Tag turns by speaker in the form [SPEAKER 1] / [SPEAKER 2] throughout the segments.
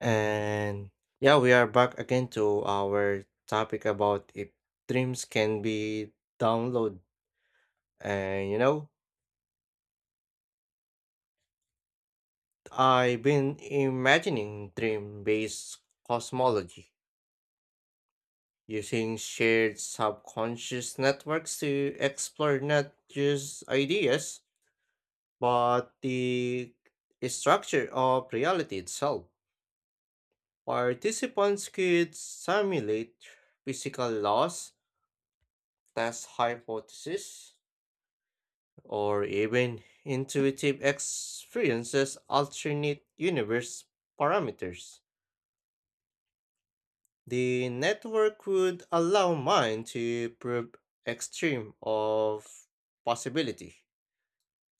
[SPEAKER 1] And yeah, we are back again to our topic about if dreams can be download. And you know, I've been imagining dream-based cosmology using shared subconscious networks to explore not just ideas, but the structure of reality itself. Participants could simulate physical laws, test hypotheses, or even intuitive experiences alternate universe parameters. The network would allow mind to probe extreme of possibility,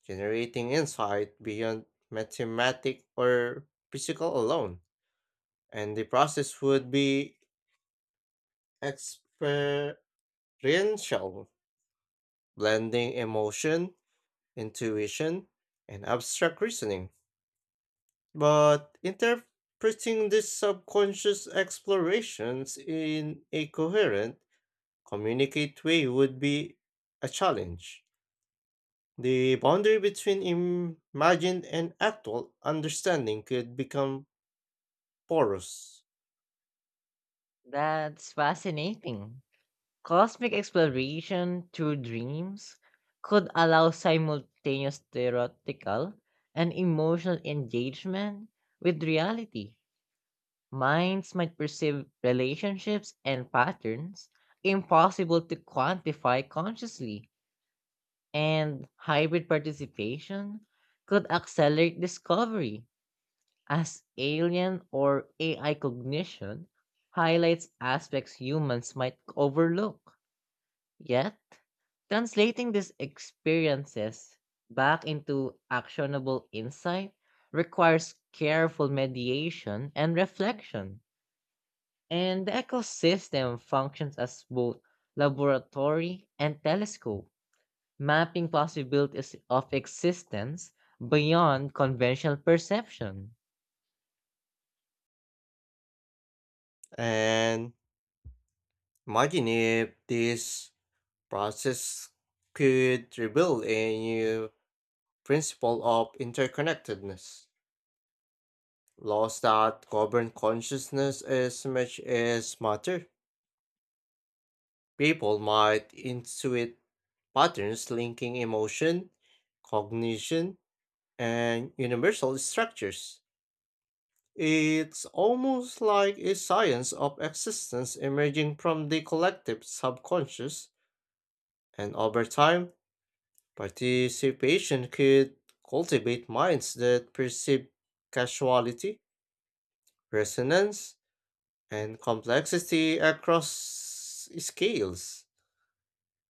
[SPEAKER 1] generating insight beyond mathematic or physical alone, and the process would be experiential, blending emotion, intuition, and abstract reasoning. But interpreting these subconscious explorations in a coherent, communicate way would be a challenge. The boundary between imagined and actual understanding could become porous.
[SPEAKER 2] That's fascinating. Cosmic exploration through dreams could allow simultaneous theoretical and emotional engagement with reality. Minds might perceive relationships and patterns impossible to quantify consciously, and hybrid participation could accelerate discovery as alien or AI cognition highlights aspects humans might overlook. Yet, translating these experiences back into actionable insight requires careful mediation and reflection. And the ecosystem functions as both laboratory and telescope, mapping possibilities of existence beyond conventional perception.
[SPEAKER 1] And imagine if this process could reveal a new principle of interconnectedness, laws that govern consciousness as much as matter. People might intuit patterns linking emotion, cognition, and universal structures. It's almost like a science of existence emerging from the collective subconscious, and over time, participation could cultivate minds that perceive casuality, resonance, and complexity across scales.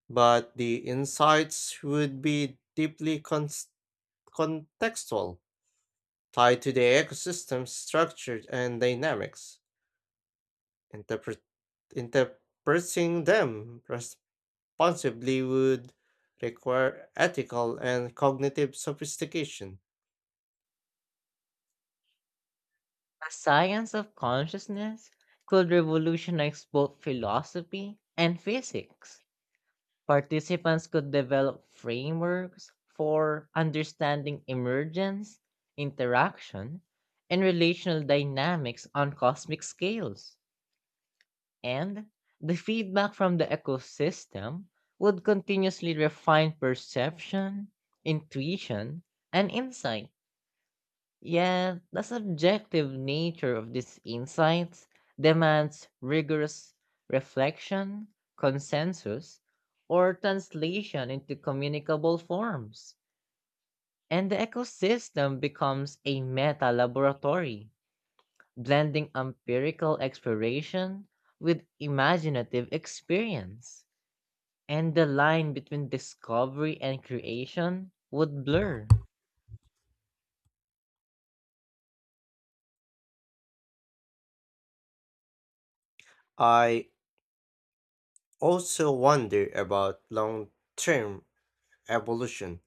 [SPEAKER 1] But the insights would be deeply contextual, tied to the ecosystem's structure and dynamics. Interpret- interpreting them responsibly would require ethical and cognitive sophistication.
[SPEAKER 2] The science of consciousness could revolutionize both philosophy and physics. Participants could develop frameworks for understanding emergence, interaction, and relational dynamics on cosmic scales. And the feedback from the ecosystem would continuously refine perception, intuition, and insight. Yet, the subjective nature of these insights demands rigorous reflection, consensus, or translation into communicable forms. And the ecosystem becomes a meta laboratory, blending empirical exploration with imaginative experience. And the line between discovery and creation would blur.
[SPEAKER 1] I also wonder about long term evolution.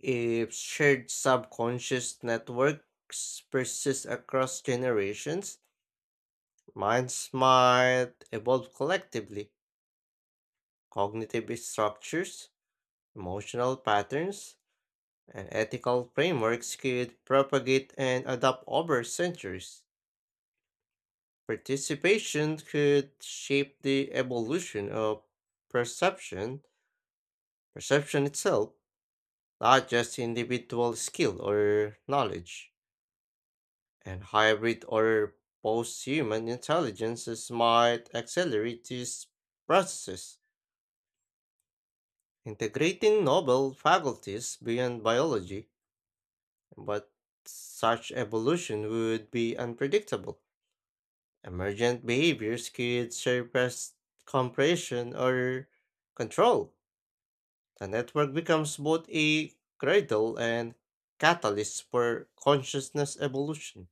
[SPEAKER 1] If shared subconscious networks persist across generations, minds might evolve collectively. Cognitive structures, emotional patterns, and ethical frameworks could propagate and adapt over centuries. Participation could shape the evolution of perception, perception itself, not just individual skill or knowledge. And hybrid or post human intelligences might accelerate these processes, integrating novel faculties beyond biology, but such evolution would be unpredictable. Emergent behaviors could surpass compression or control. The network becomes both a cradle and catalyst for consciousness evolution.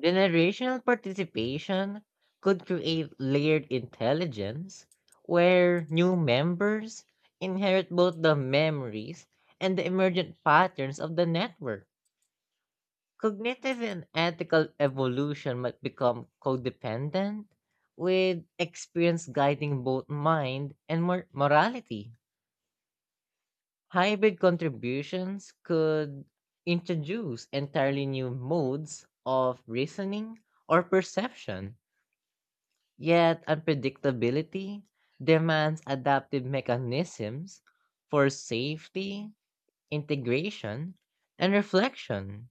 [SPEAKER 2] Generational participation could create layered intelligence where new members inherit both the memories and the emergent patterns of the network. Cognitive and ethical evolution might become codependent, with experience guiding both mind and morality. Hybrid contributions could introduce entirely new modes of reasoning or perception. Yet unpredictability demands adaptive mechanisms for safety, integration, and reflection.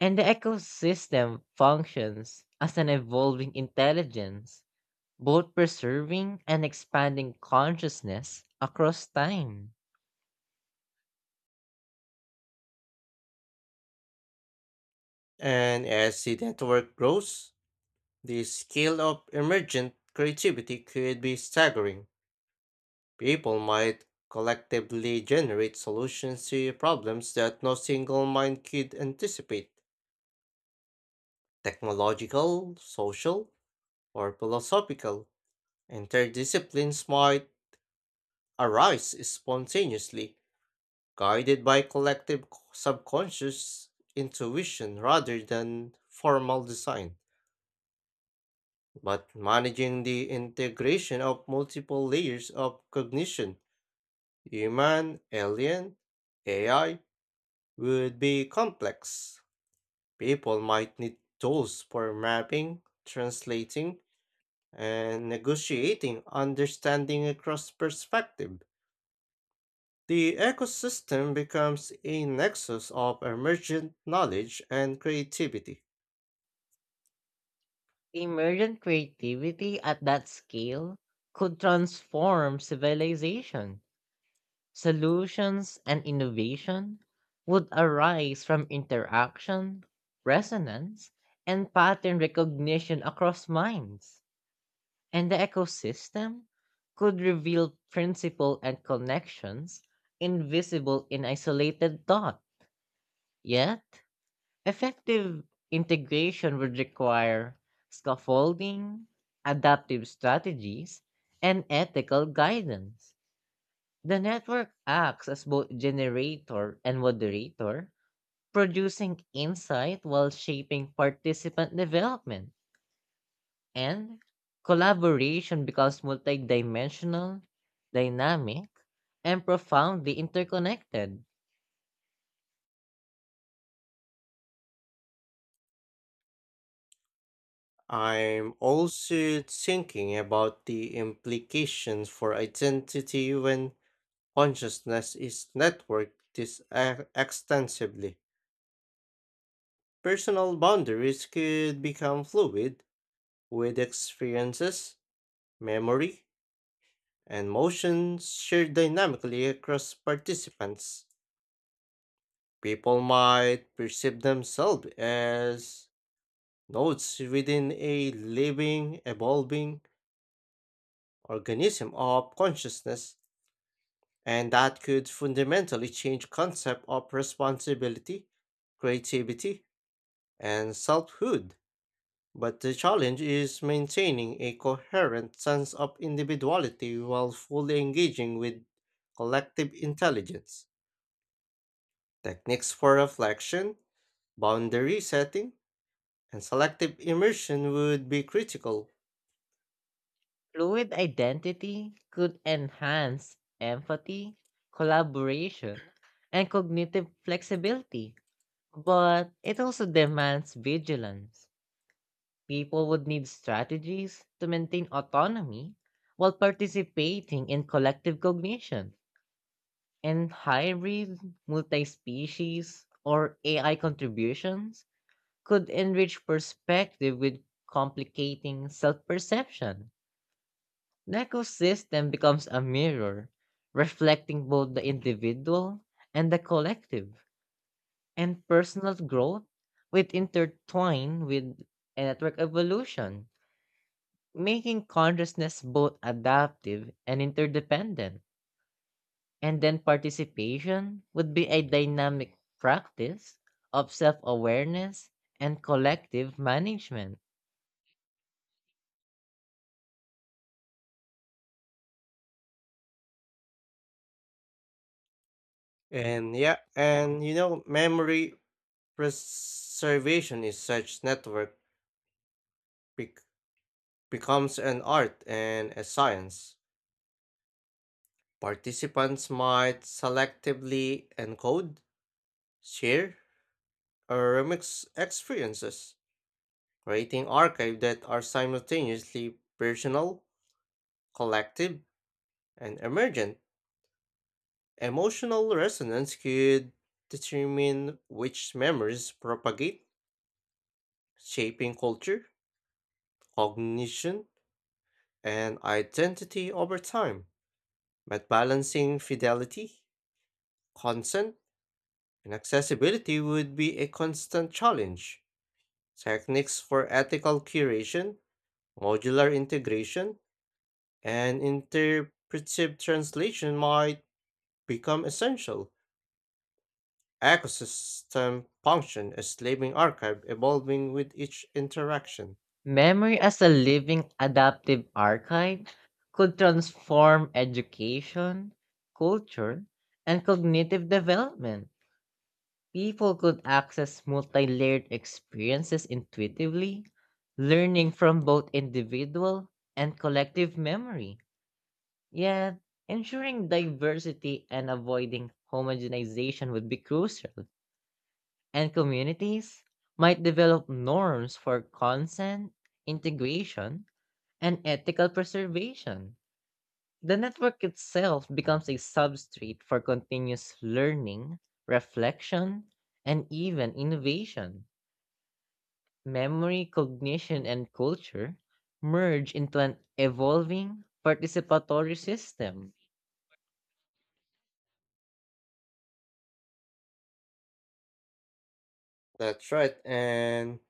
[SPEAKER 2] And the ecosystem functions as an evolving intelligence, both preserving and expanding consciousness across time.
[SPEAKER 1] And as the network grows, the scale of emergent creativity could be staggering. People might collectively generate solutions to problems that no single mind could anticipate technological, social, or philosophical. Interdisciplines might arise spontaneously, guided by collective subconscious intuition rather than formal design. But managing the integration of multiple layers of cognition, human, alien, AI, would be complex. People might need tools for mapping, translating, and negotiating understanding across perspective. The ecosystem becomes a nexus of emergent knowledge and creativity.
[SPEAKER 2] Emergent creativity at that scale could transform civilization. Solutions and innovation would arise from interaction, resonance, and pattern recognition across minds, and the ecosystem could reveal principle and connections invisible in isolated thought. Yet, effective integration would require scaffolding, adaptive strategies, and ethical guidance. The network acts as both generator and moderator, producing insight while shaping participant development. And collaboration becomes multidimensional, dynamic, and profoundly interconnected.
[SPEAKER 1] I'm also thinking about the implications for identity when consciousness is networked this extensively. Personal boundaries could become fluid, with experiences, memory, and motion shared dynamically across participants. People might perceive themselves as nodes within a living, evolving organism of consciousness, and that could fundamentally change concept of responsibility, creativity, and selfhood. But the challenge is maintaining a coherent sense of individuality while fully engaging with collective intelligence. Techniques for reflection, boundary setting, and selective immersion would be critical.
[SPEAKER 2] Fluid identity could enhance empathy, collaboration, and cognitive flexibility, but it also demands vigilance. People would need strategies to maintain autonomy while participating in collective cognition. And hybrid, multi species, or AI contributions could enrich perspective with complicating self perception. The ecosystem becomes a mirror, reflecting both the individual and the collective, and personal growth with intertwined with a network evolution, making consciousness both adaptive and interdependent. And then participation would be a dynamic practice of self awareness and collective management.
[SPEAKER 1] And yeah, memory preservation is such network bec- becomes an art and a science. Participants might selectively encode, share, or remix experiences, creating archive that are simultaneously personal, collective, and emergent. Emotional resonance could determine which memories propagate, shaping culture, cognition, and identity over time. But balancing fidelity, consent, and accessibility would be a constant challenge. Techniques for ethical curation, modular integration, and interpretive translation might become essential. Ecosystem function as living archive evolving with each interaction.
[SPEAKER 2] Memory as a living adaptive archive could transform education, culture, and cognitive development. People could access multi layered experiences intuitively, learning from both individual and collective memory. Yet, ensuring diversity and avoiding homogenization would be crucial, and communities might develop norms for consent, integration, and ethical preservation. The network itself becomes a substrate for continuous learning, reflection, and even innovation. Memory, cognition, and culture merge into an evolving participatory system.
[SPEAKER 1] That's right, and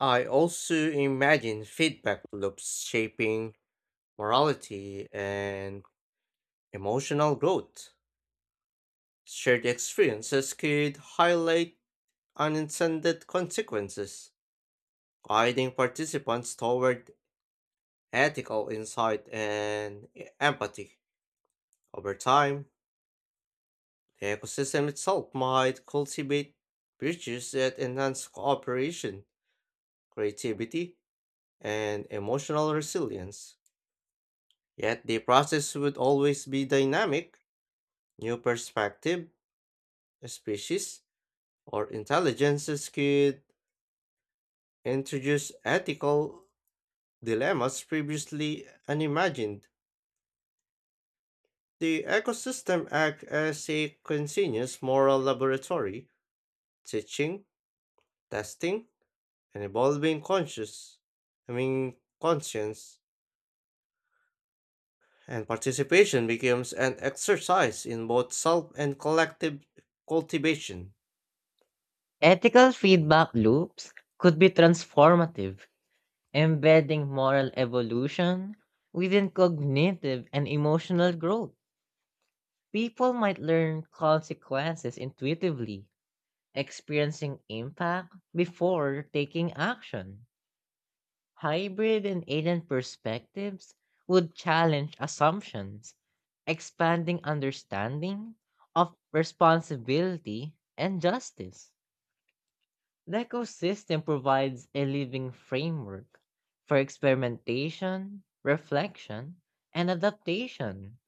[SPEAKER 1] I also imagine feedback loops shaping morality and emotional growth. Shared experiences could highlight unintended consequences, guiding participants toward ethical insight and empathy. Over time, the ecosystem itself might cultivate virtues that enhance cooperation, creativity, and emotional resilience. Yet the process would always be dynamic. New perspective, species, or intelligences could introduce ethical dilemmas previously unimagined. The ecosystem acts as a continuous moral laboratory, teaching, testing, an evolving conscious I mean conscience, and participation becomes an exercise in both self and collective cultivation.
[SPEAKER 2] Ethical feedback loops could be transformative, embedding moral evolution within cognitive and emotional growth. People might learn consequences intuitively, experiencing impact before taking action. Hybrid and alien perspectives would challenge assumptions, expanding understanding of responsibility and justice. The ecosystem provides a living framework for experimentation, reflection, and adaptation.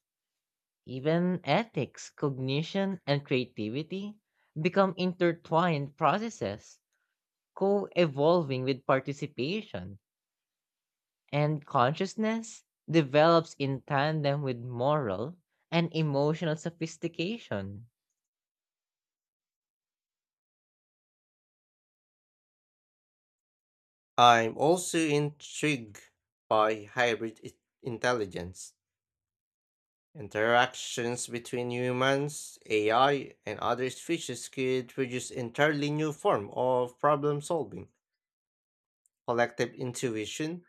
[SPEAKER 2] Even ethics, cognition, and creativity become intertwined processes, co evolving with participation. And consciousness develops in tandem with moral and emotional sophistication.
[SPEAKER 1] I'm also intrigued by hybrid intelligence. Interactions between humans, AI, and other species could produce entirely new form of problem solving, collective intuition,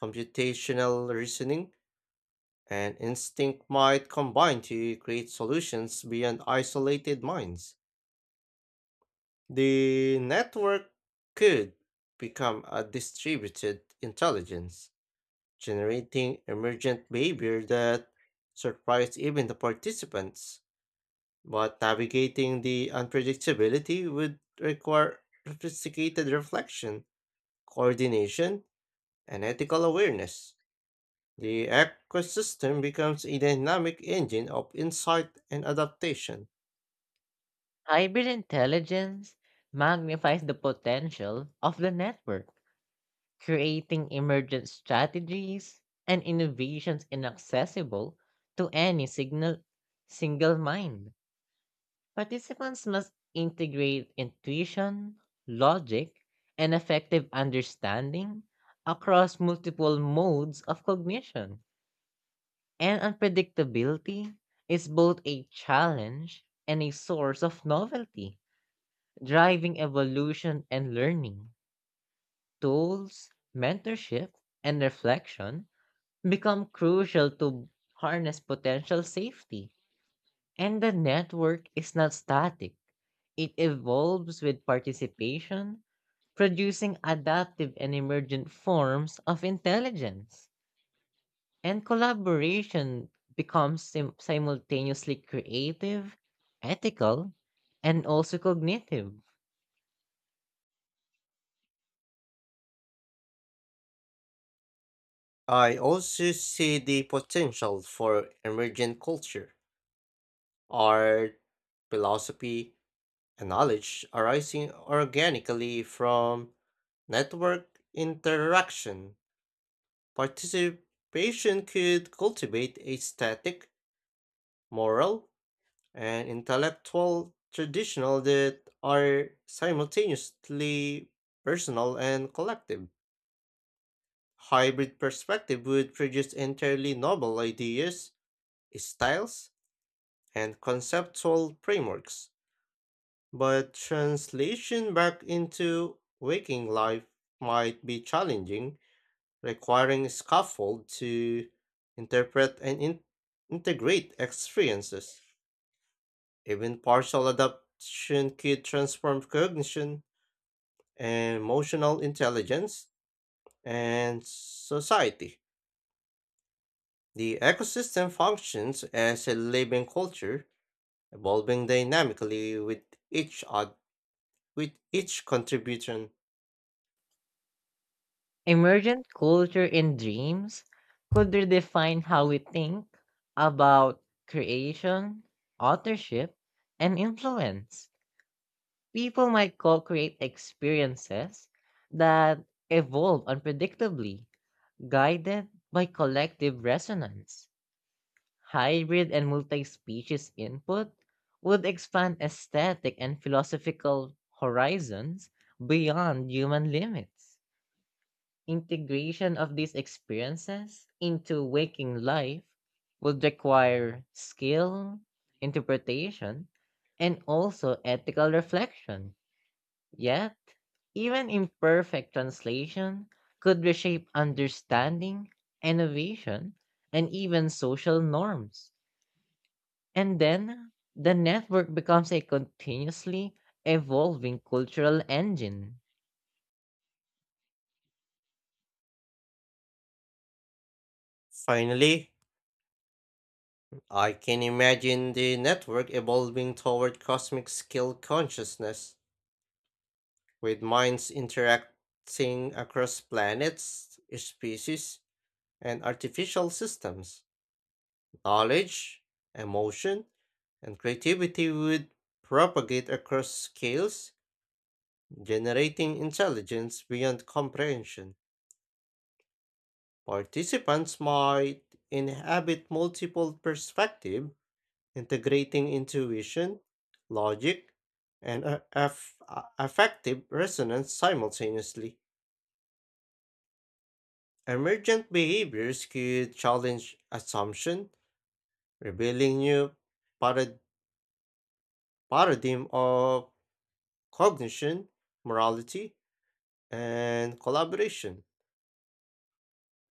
[SPEAKER 1] computational reasoning, and instinct might combine to create solutions beyond isolated minds. The network could become a distributed intelligence, generating emergent behavior that surprised even the participants. But navigating the unpredictability would require sophisticated reflection, coordination, and ethical awareness. The ecosystem becomes a dynamic engine of insight and adaptation.
[SPEAKER 2] Hybrid intelligence magnifies the potential of the network, creating emergent strategies and innovations inaccessible to any signal, single mind. Participants must integrate intuition, logic, and effective understanding across multiple modes of cognition. And unpredictability is both a challenge and a source of novelty, driving evolution and learning. Tools, mentorship, and reflection become crucial to harness potential safety. And the network is not static, it evolves with participation, producing adaptive and emergent forms of intelligence. And collaboration becomes simultaneously creative, ethical, and also cognitive.
[SPEAKER 1] I also see the potential for emergent culture, art, philosophy, and knowledge arising organically from network interaction. Participation could cultivate a static, moral, and intellectual traditional that are simultaneously personal and collective. Hybrid perspective would produce entirely novel ideas, styles, and conceptual frameworks, but translation back into waking life might be challenging, requiring a scaffold to interpret and integrate experiences. Even partial adaptation could transform cognition, emotional intelligence, and society. The ecosystem functions as a living culture, evolving dynamically with each oth- with each contribution.
[SPEAKER 2] Emergent culture and dreams could redefine how we think about creation, authorship, and influence. People might co create experiences that evolve unpredictably, guided by collective resonance. Hybrid and multi-species input would expand aesthetic and philosophical horizons beyond human limits. Integration of these experiences into waking life would require skill, interpretation, and also ethical reflection. Yet, even imperfect translation could reshape understanding, innovation, and even social norms. And then the network becomes a continuously evolving cultural engine.
[SPEAKER 1] Finally, I can imagine the network evolving toward cosmic scale consciousness, with minds interacting across planets, species, and artificial systems. Knowledge, emotion, and creativity would propagate across scales generating intelligence beyond comprehension. Participants might inhabit multiple perspectives, integrating intuition, logic, and affective resonance simultaneously. Emergent behaviors could challenge assumption, revealing new parad- paradigm of cognition, morality, and collaboration.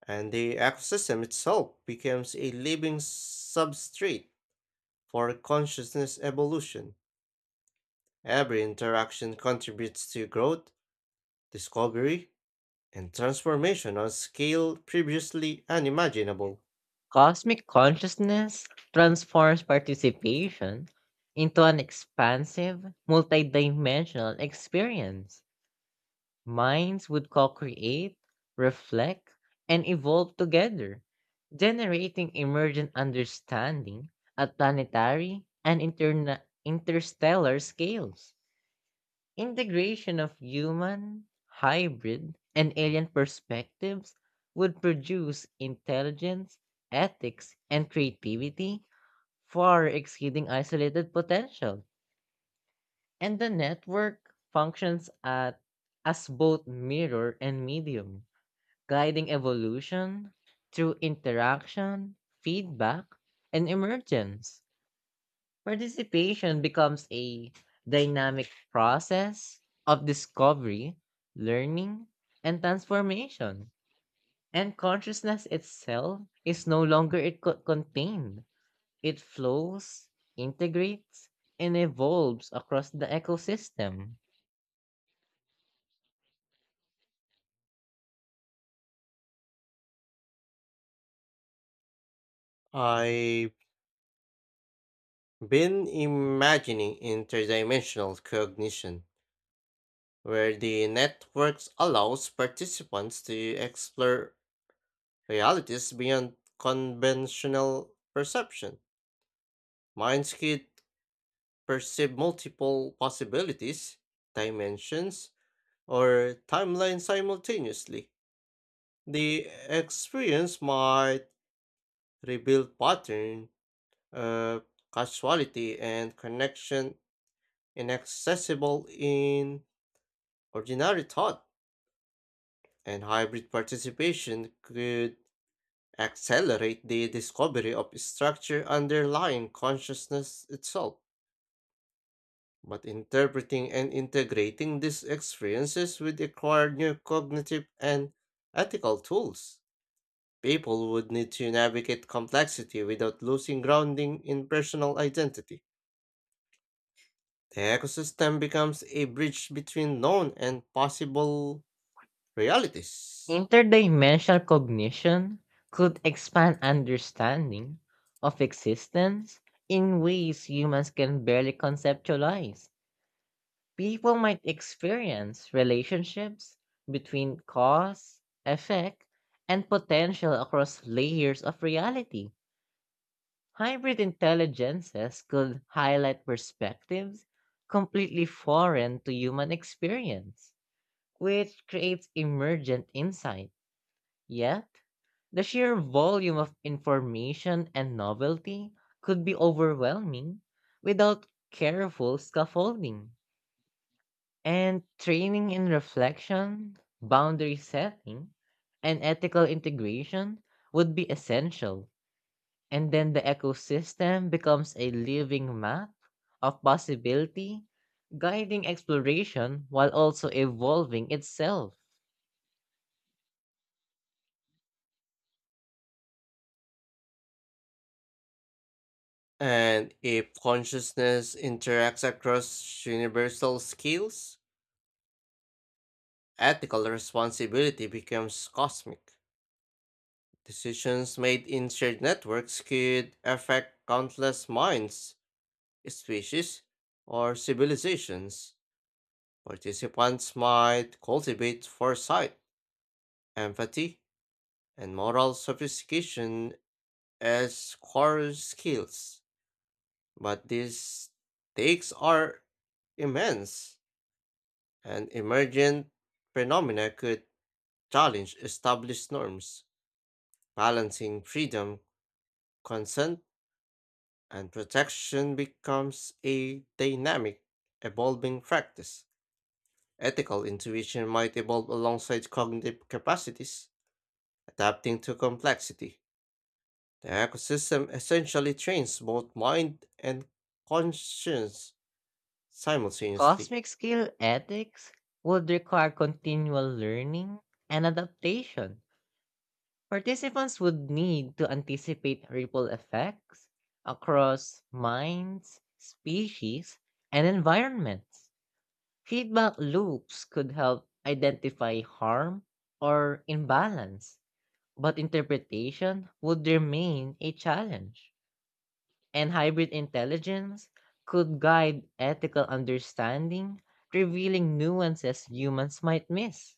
[SPEAKER 1] And the ecosystem itself becomes a living substrate for consciousness evolution. Every interaction contributes to growth, discovery, and transformation on a scale previously unimaginable.
[SPEAKER 2] Cosmic consciousness transforms participation into an expansive, multidimensional experience. Minds would co create, reflect, and evolve together, generating emergent understanding at planetary and interstellar scales. Integration of human, hybrid, and alien perspectives would produce intelligence, ethics, and creativity far exceeding isolated potential. And the network functions at as both mirror and medium, guiding evolution through interaction, feedback, and emergence. Participation becomes a dynamic process of discovery, learning, and transformation. And consciousness itself is no longer it contained. It flows, integrates, and evolves across the ecosystem.
[SPEAKER 1] I've been imagining interdimensional cognition, where the networks allows participants to explore realities beyond conventional perception. Minds could perceive multiple possibilities, dimensions, or timelines simultaneously. The experience might reveal pattern of causality and connection inaccessible in ordinary thought, and hybrid participation could accelerate the discovery of structure underlying consciousness itself. But interpreting and integrating these experiences would require new cognitive and ethical tools. People would need to navigate complexity without losing grounding in personal identity. The ecosystem becomes a bridge between known and possible realities.
[SPEAKER 2] Interdimensional cognition could expand understanding of existence in ways humans can barely conceptualize. People might experience relationships between cause, effect, and potential across layers of reality. Hybrid intelligences could highlight perspectives completely foreign to human experience, which creates emergent insight. Yet, the sheer volume of information and novelty could be overwhelming without careful scaffolding. And training in reflection, boundary setting, and ethical integration would be essential. And then the ecosystem becomes a living map of possibility, guiding exploration while also evolving itself.
[SPEAKER 1] And if consciousness interacts across universal scales, ethical responsibility becomes cosmic. Decisions made in shared networks could affect countless minds, species, or civilizations. Participants might cultivate foresight, empathy, and moral sophistication as core skills. But these stakes are immense, and emergent phenomena could challenge established norms, balancing freedom, consent, and protection becomes a dynamic, evolving practice. Ethical intuition might evolve alongside cognitive capacities, adapting to complexity. The ecosystem essentially trains both mind and conscience simultaneously.
[SPEAKER 2] Cosmic scale ethics would require continual learning and adaptation. Participants would need to anticipate ripple effects across minds, species, and environments. Feedback loops could help identify harm or imbalance, but interpretation would remain a challenge. And hybrid intelligence could guide ethical understanding, revealing nuances humans might miss.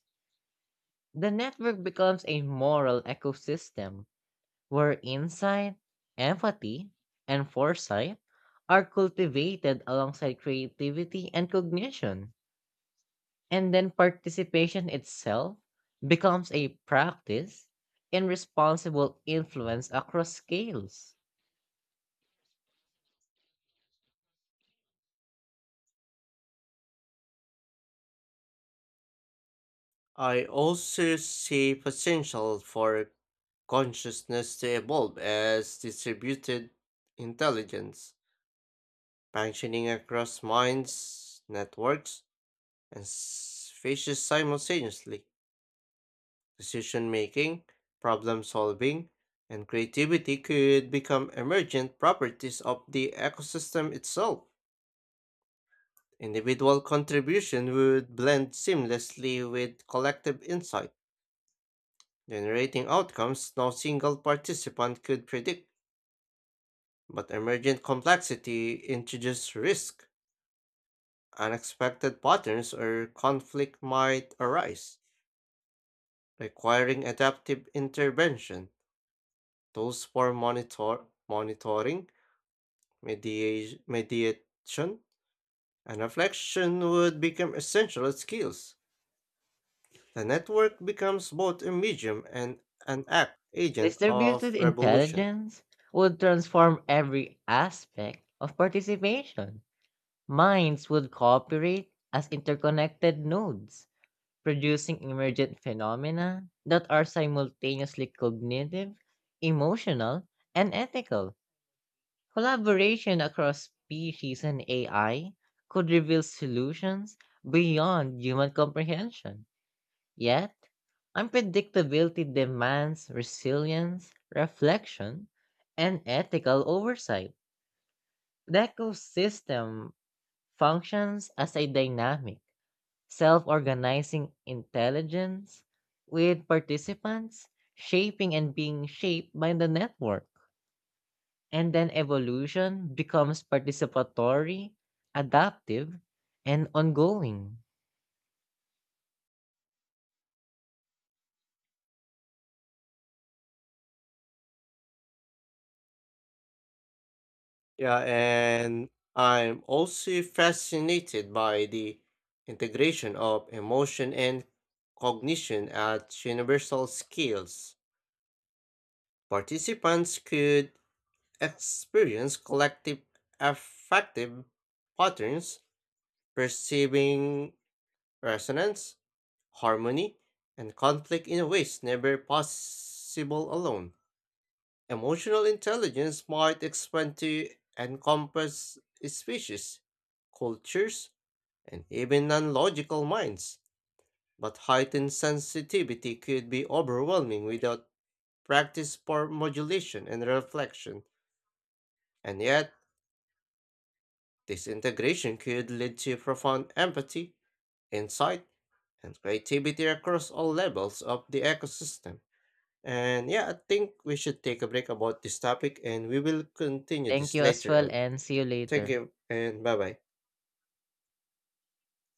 [SPEAKER 2] The network becomes a moral ecosystem where insight, empathy, and foresight are cultivated alongside creativity and cognition. And then participation itself becomes a practice in responsible influence across scales.
[SPEAKER 1] I also see potential for consciousness to evolve as distributed intelligence, functioning across minds, networks, and faces simultaneously. Decision making, problem solving, and creativity could become emergent properties of the ecosystem itself. Individual contribution would blend seamlessly with collective insight, generating outcomes no single participant could predict. But emergent complexity introduces risk. Unexpected patterns or conflict might arise, requiring adaptive intervention. Tools for monitoring, mediation, and reflection would become essential skills. The network becomes both a medium and an act agent of
[SPEAKER 2] Distributed
[SPEAKER 1] revolution.
[SPEAKER 2] intelligence would transform every aspect of participation. Minds would cooperate as interconnected nodes producing emergent phenomena that are simultaneously cognitive, emotional, and ethical. Collaboration across species and AI could reveal solutions beyond human comprehension. Yet, unpredictability demands resilience, reflection, and ethical oversight. The ecosystem functions as a dynamic self-organizing intelligence, with participants shaping and being shaped by the network. And then evolution becomes participatory, adaptive, and ongoing.
[SPEAKER 1] Yeah, and I'm also fascinated by the integration of emotion and cognition at universal scales. Participants could experience collective affective patterns perceiving resonance, harmony, and conflict in ways never possible alone. Emotional intelligence might expand to encompass species, cultures, and even non logical minds, but heightened sensitivity could be overwhelming without practice for modulation and reflection. And yet, this integration could lead to profound empathy, insight, and creativity across all levels of the ecosystem. And yeah, I think we should take a break about this topic and we will continue
[SPEAKER 2] Thank
[SPEAKER 1] this
[SPEAKER 2] you as
[SPEAKER 1] later
[SPEAKER 2] well
[SPEAKER 1] on.
[SPEAKER 2] and see you
[SPEAKER 1] Thank
[SPEAKER 2] later.
[SPEAKER 1] you and bye bye.